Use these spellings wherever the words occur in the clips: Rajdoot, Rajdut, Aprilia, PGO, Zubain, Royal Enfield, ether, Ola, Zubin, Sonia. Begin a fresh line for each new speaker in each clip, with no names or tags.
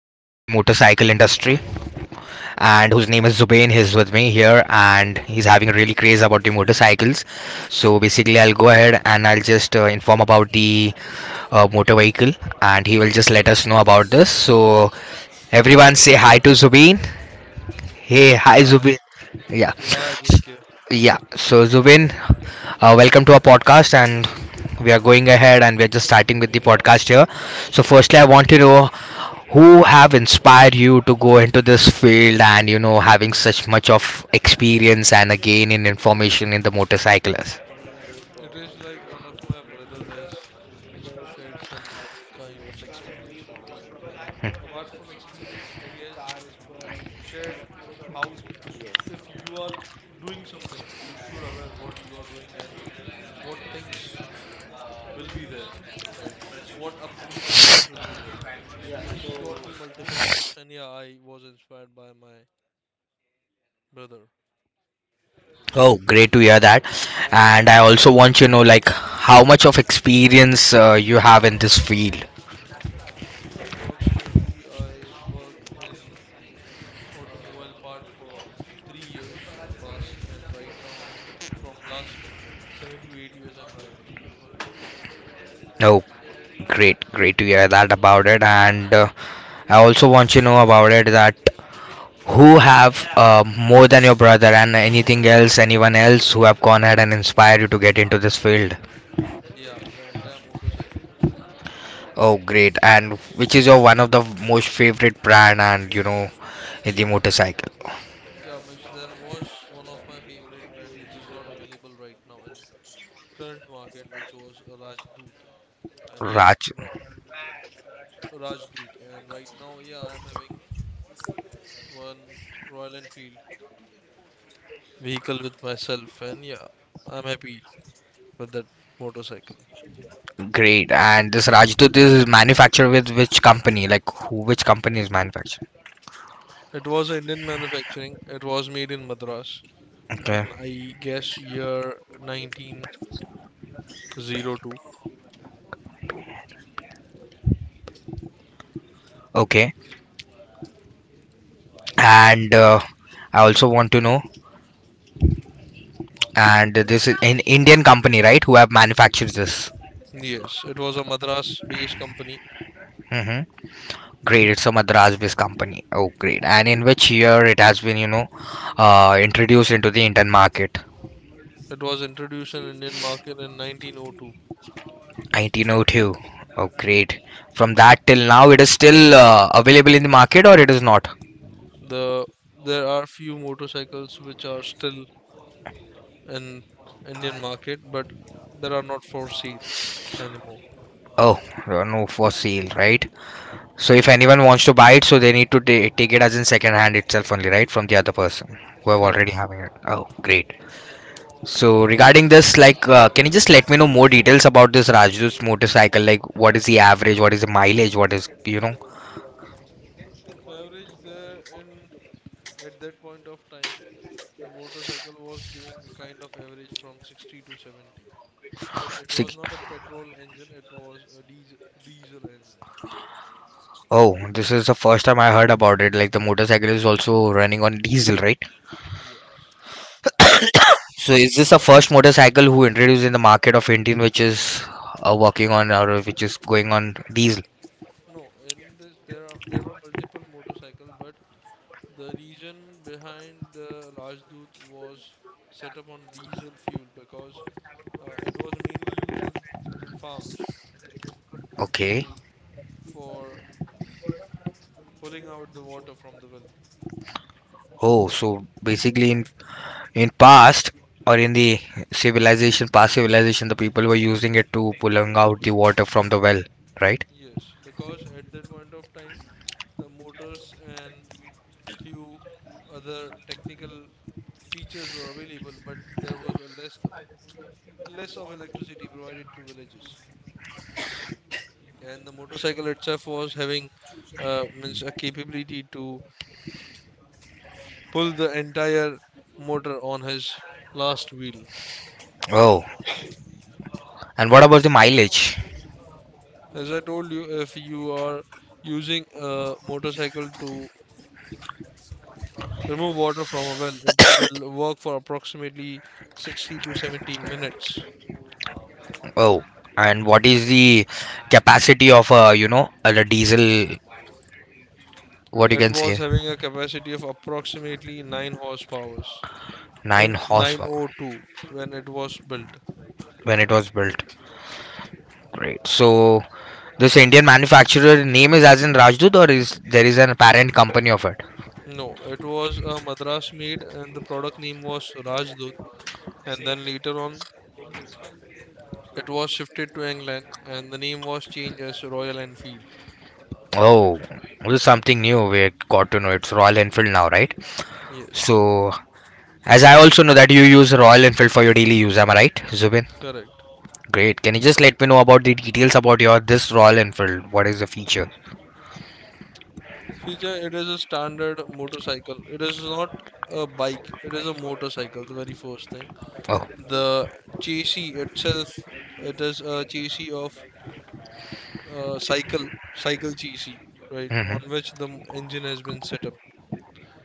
and whose name is Zubain. He's with me here, and he's having a really craze about the motorcycles. So basically, I'll go ahead and I'll just inform about the motor vehicle, and he will just let us know about this. So everyone, say hi to Zubain. Hey, hi
Yeah,
Zubin. Yeah,
yeah, Jinkyo.
Yeah. So Zubin, welcome to our podcast, and we are going ahead, and we are just starting with the podcast here. So firstly, I want to know who have inspired you to go into this field, and having such much of experience and again in information in the motorcyclist.
It is like one of my brother has shared some kind of experience with me, and apart from experience, he has shared how if you are doing something, you should aware what you are doing and what things will be there, right? Means what upcoming challenges will be there. So he taught me multiple things, and yeah, I was inspired by my brother.
Oh, great to hear that. And I also want you to know like how much of experience you have in this field.
Approximately, I worked in automobile part for 3 years in past, and right now I'm from last 7 to 8 years I'm riding on road.
Oh, great, great to hear that about it. And I also want to know about it that who have more than your brother and anything else, anyone else who have gone ahead and inspired you to get into this field.
Yeah, the entire motorcycle.
Oh, great. And which is your one of the most favorite brand and the motorcycle?
Yeah, means there was one of my favorite brand which is not available right now in current market, which was Rajdoot. And yeah,
Raj,
right, Rajdoot. And right now, yeah, I'm having one Royal Enfield vehicle with myself, and yeah, I'm happy with that motorcycle.
great. And this Rajdut is manufactured with which company? Like, which company is manufactured?
It was Indian manufacturing. It was made in Madras.
Okay.
And I guess year 1902.
Okay. And I also want to know. And this is an Indian company, right? Who have manufactured this.
Yes, it was a Madras-based company.
Hmm. Great. It's a Madras-based company. Oh, great. And in which year it has been, introduced into the Indian market?
It was introduced in Indian market in 1902.
1902. Oh, two. Oh, great. From that till now, it is still available in the market or it is not?
The there are few motorcycles which are still in Indian market, but there are not for sale anymore.
Oh, no, for sale, right? So if anyone wants to buy it, so they need to take it as in second hand itself only, right? From the other person who have
Correct.
already having it. Oh, great. So regarding this, like, can you just let me know more details about this Rajdu's motorcycle? Like, what is the average? What is the mileage? What is, you know?
Average there in at that point of time, the motorcycle was giving a kind of average from 60 to 70. But it was
sig-
not a petrol engine, it was a diesel engine.
Oh, this is the first time I heard about it. Like, the motorcycle is also running on diesel, right?
Yes.
So is this the first motorcycle who introduced in the market of Indian, which is working on or which is going on diesel?
No, in this there were multiple motorcycle, but the reason behind the Rajdoot was set up on diesel fuel because it was mainly used in farms
Okay.
to for pulling out the water from the well.
Oh, so basically in past or in the civilization, past civilization, the people were using it to pulling out the water from the well, right?
Yes, because at that point of time the motors and few other technical features were available, but there was a less of electricity provided to villages. And the motorcycle itself was having means a capability to pull the entire motor on his last wheel.
Oh, and what about the mileage?
As I told you, if you are using a motorcycle to remove water from a well, it will work for approximately 60 to 70 minutes.
Oh, and what is the capacity of the diesel? What you
It
can say,
was having a capacity of approximately 9 horsepowers
nine
in
horsepower
902 when it was built.
when it was built. Great. So this Indian manufacturer name is as in Rajdut, or is there is an parent company of it?
No, it was a Madras made, and the product name was Rajdut, and then later on it was shifted to England and the name was changed as Royal Enfield.
Oh, this is something new. We got to know it's Royal Enfield now, right?
Yes,
So as I also know that you use Royal Enfield for your daily use, am I right, Zubin?
correct.
Great. Can you just let me know about the details about your this Royal Enfield? What is the feature?
Feature, it is a standard motorcycle. It is not a bike, it is a motorcycle, the very first thing.
Oh.
The chassis itself, it is a chassis of cycle chassis, right, on
Mm-hmm.
which the engine has been set up.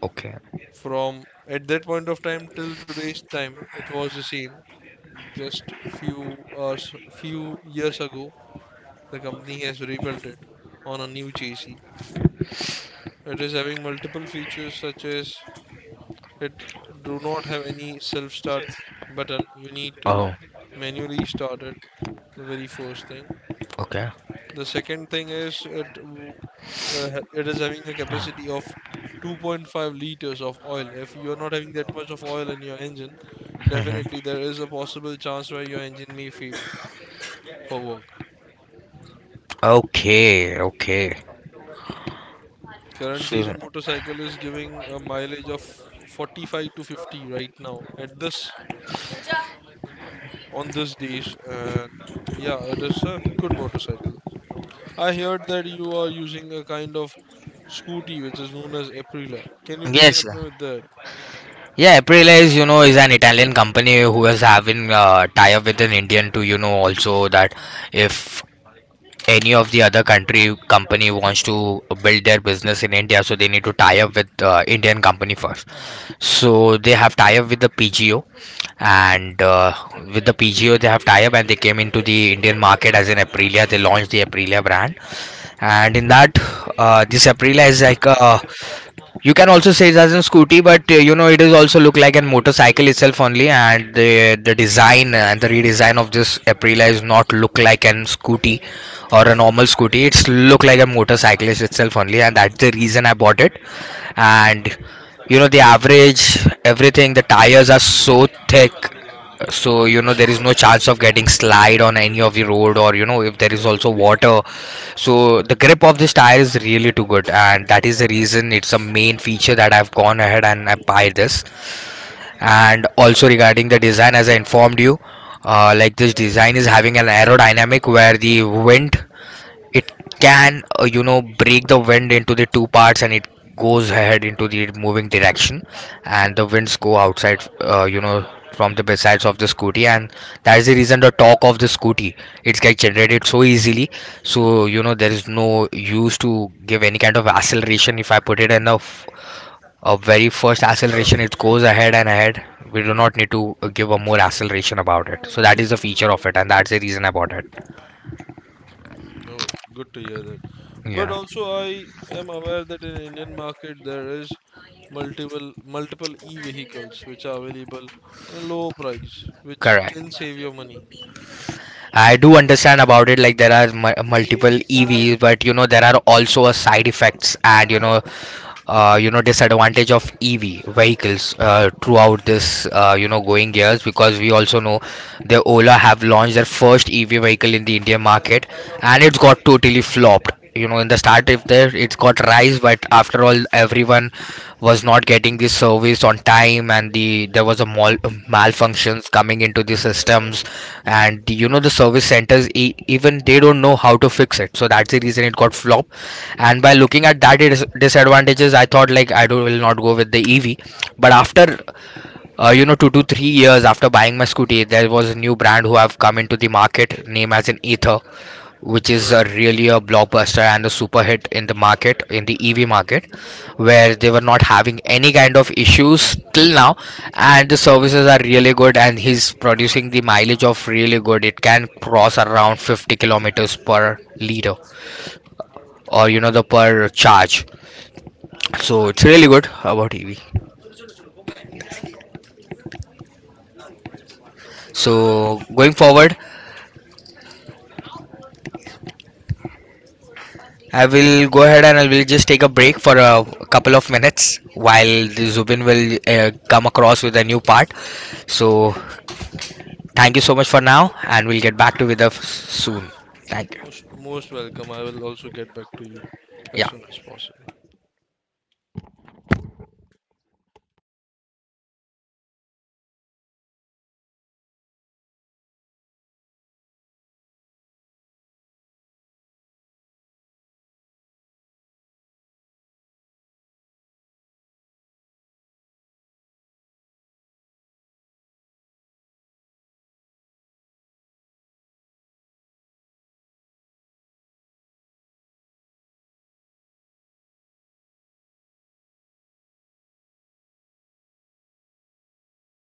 Okay.
From at that point of time till today's time, it was the same. Just few hours, few years ago, the company has rebuilt it on a new chassis. It is having multiple features such as it do not have any self-start button. You need to
Oh,
manually start it, the very first thing.
okay.
The second thing is it is having a capacity of 2.5 liters of oil. If you are not having that much of oil in your engine,
Mm-hmm.
definitely there is a possible chance where your engine may fail for work.
Okay, okay.
Currently, the
So,
motorcycle is giving a mileage of 45 to 50 right now at this on this days, and yeah, it is a good motorcycle. I heard that you are using a kind of scooty which is known as Aprilia. Can you please
yes,
help me with that?
yeah, April is, is an Italian company who is having tie-up with an Indian to, also that if any of the other country company wants to build their business in India, so they need to tie up with Indian company first. So they have tie-up with the PGO, and with the PGO they have tie-up, and they came into the Indian market as an Aprilia. They launched the Aprilia brand, and in that, this aprilia is like, you can also say it as a scooty, but it is also look like a motorcycle itself only. And the design and the redesign of this aprilia is not look like an scooty or a normal scooty, it's look like a motorcyclist itself only, and that's the reason I bought it. And the average, everything, the tires are so thick. So there is no chance of getting slide on any of the road, or if there is also water. So the grip of this tire is really too good, and that is the reason it's a main feature that I've gone ahead and I buy this. And also regarding the design as I informed you, like this design is having an aerodynamic where the wind, it can break the wind into the two parts, and it goes ahead into the moving direction. And the winds go outside, from the besides of the scooty. And that is the reason the torque of the scooty, it gets generated so easily. So there is no use to give any kind of acceleration. If I put it in a very first acceleration, it goes ahead and ahead. We do not need to give a more acceleration about it. So that is the feature of it, and that's the reason I bought it.
Oh, good to hear that. But
Yeah.
also, I am aware that in Indian market there is multiple e-vehicles which are available at a low price, which
Correct.
can save your money.
I do understand about it. Like there are multiple EVs, but there are also a side effects, and disadvantage of EV vehicles throughout this, going years. Because we also know the Ola have launched their first EV vehicle in the Indian market, and it's got totally flopped. In the start if there it's got rise, but after all, everyone was not getting the service on time, and there was a malfunctions coming into the systems, and the, you know the service centers, even they don't know how to fix it. So that's the reason it got flopped. And by looking at that disadvantages, I thought like I will not go with the EV. But after, 2 to 3 years after buying my scooty, there was a new brand who have come into the market name as an ether, which is a really a blockbuster and a super hit in the market, in the EV market, where they were not having any kind of issues till now. And the services are really good, and he's producing the mileage of really good, it can cross around 50 kilometers per liter, or the per charge. So it's really good about EV. So going forward, I will go ahead and I will just take a break for a couple of minutes while the Zubin will come across with a new part. So thank you so much for now, and we'll get back to with us soon. Thank you.
Most welcome. I will also get back to you as
Yeah.
soon as possible.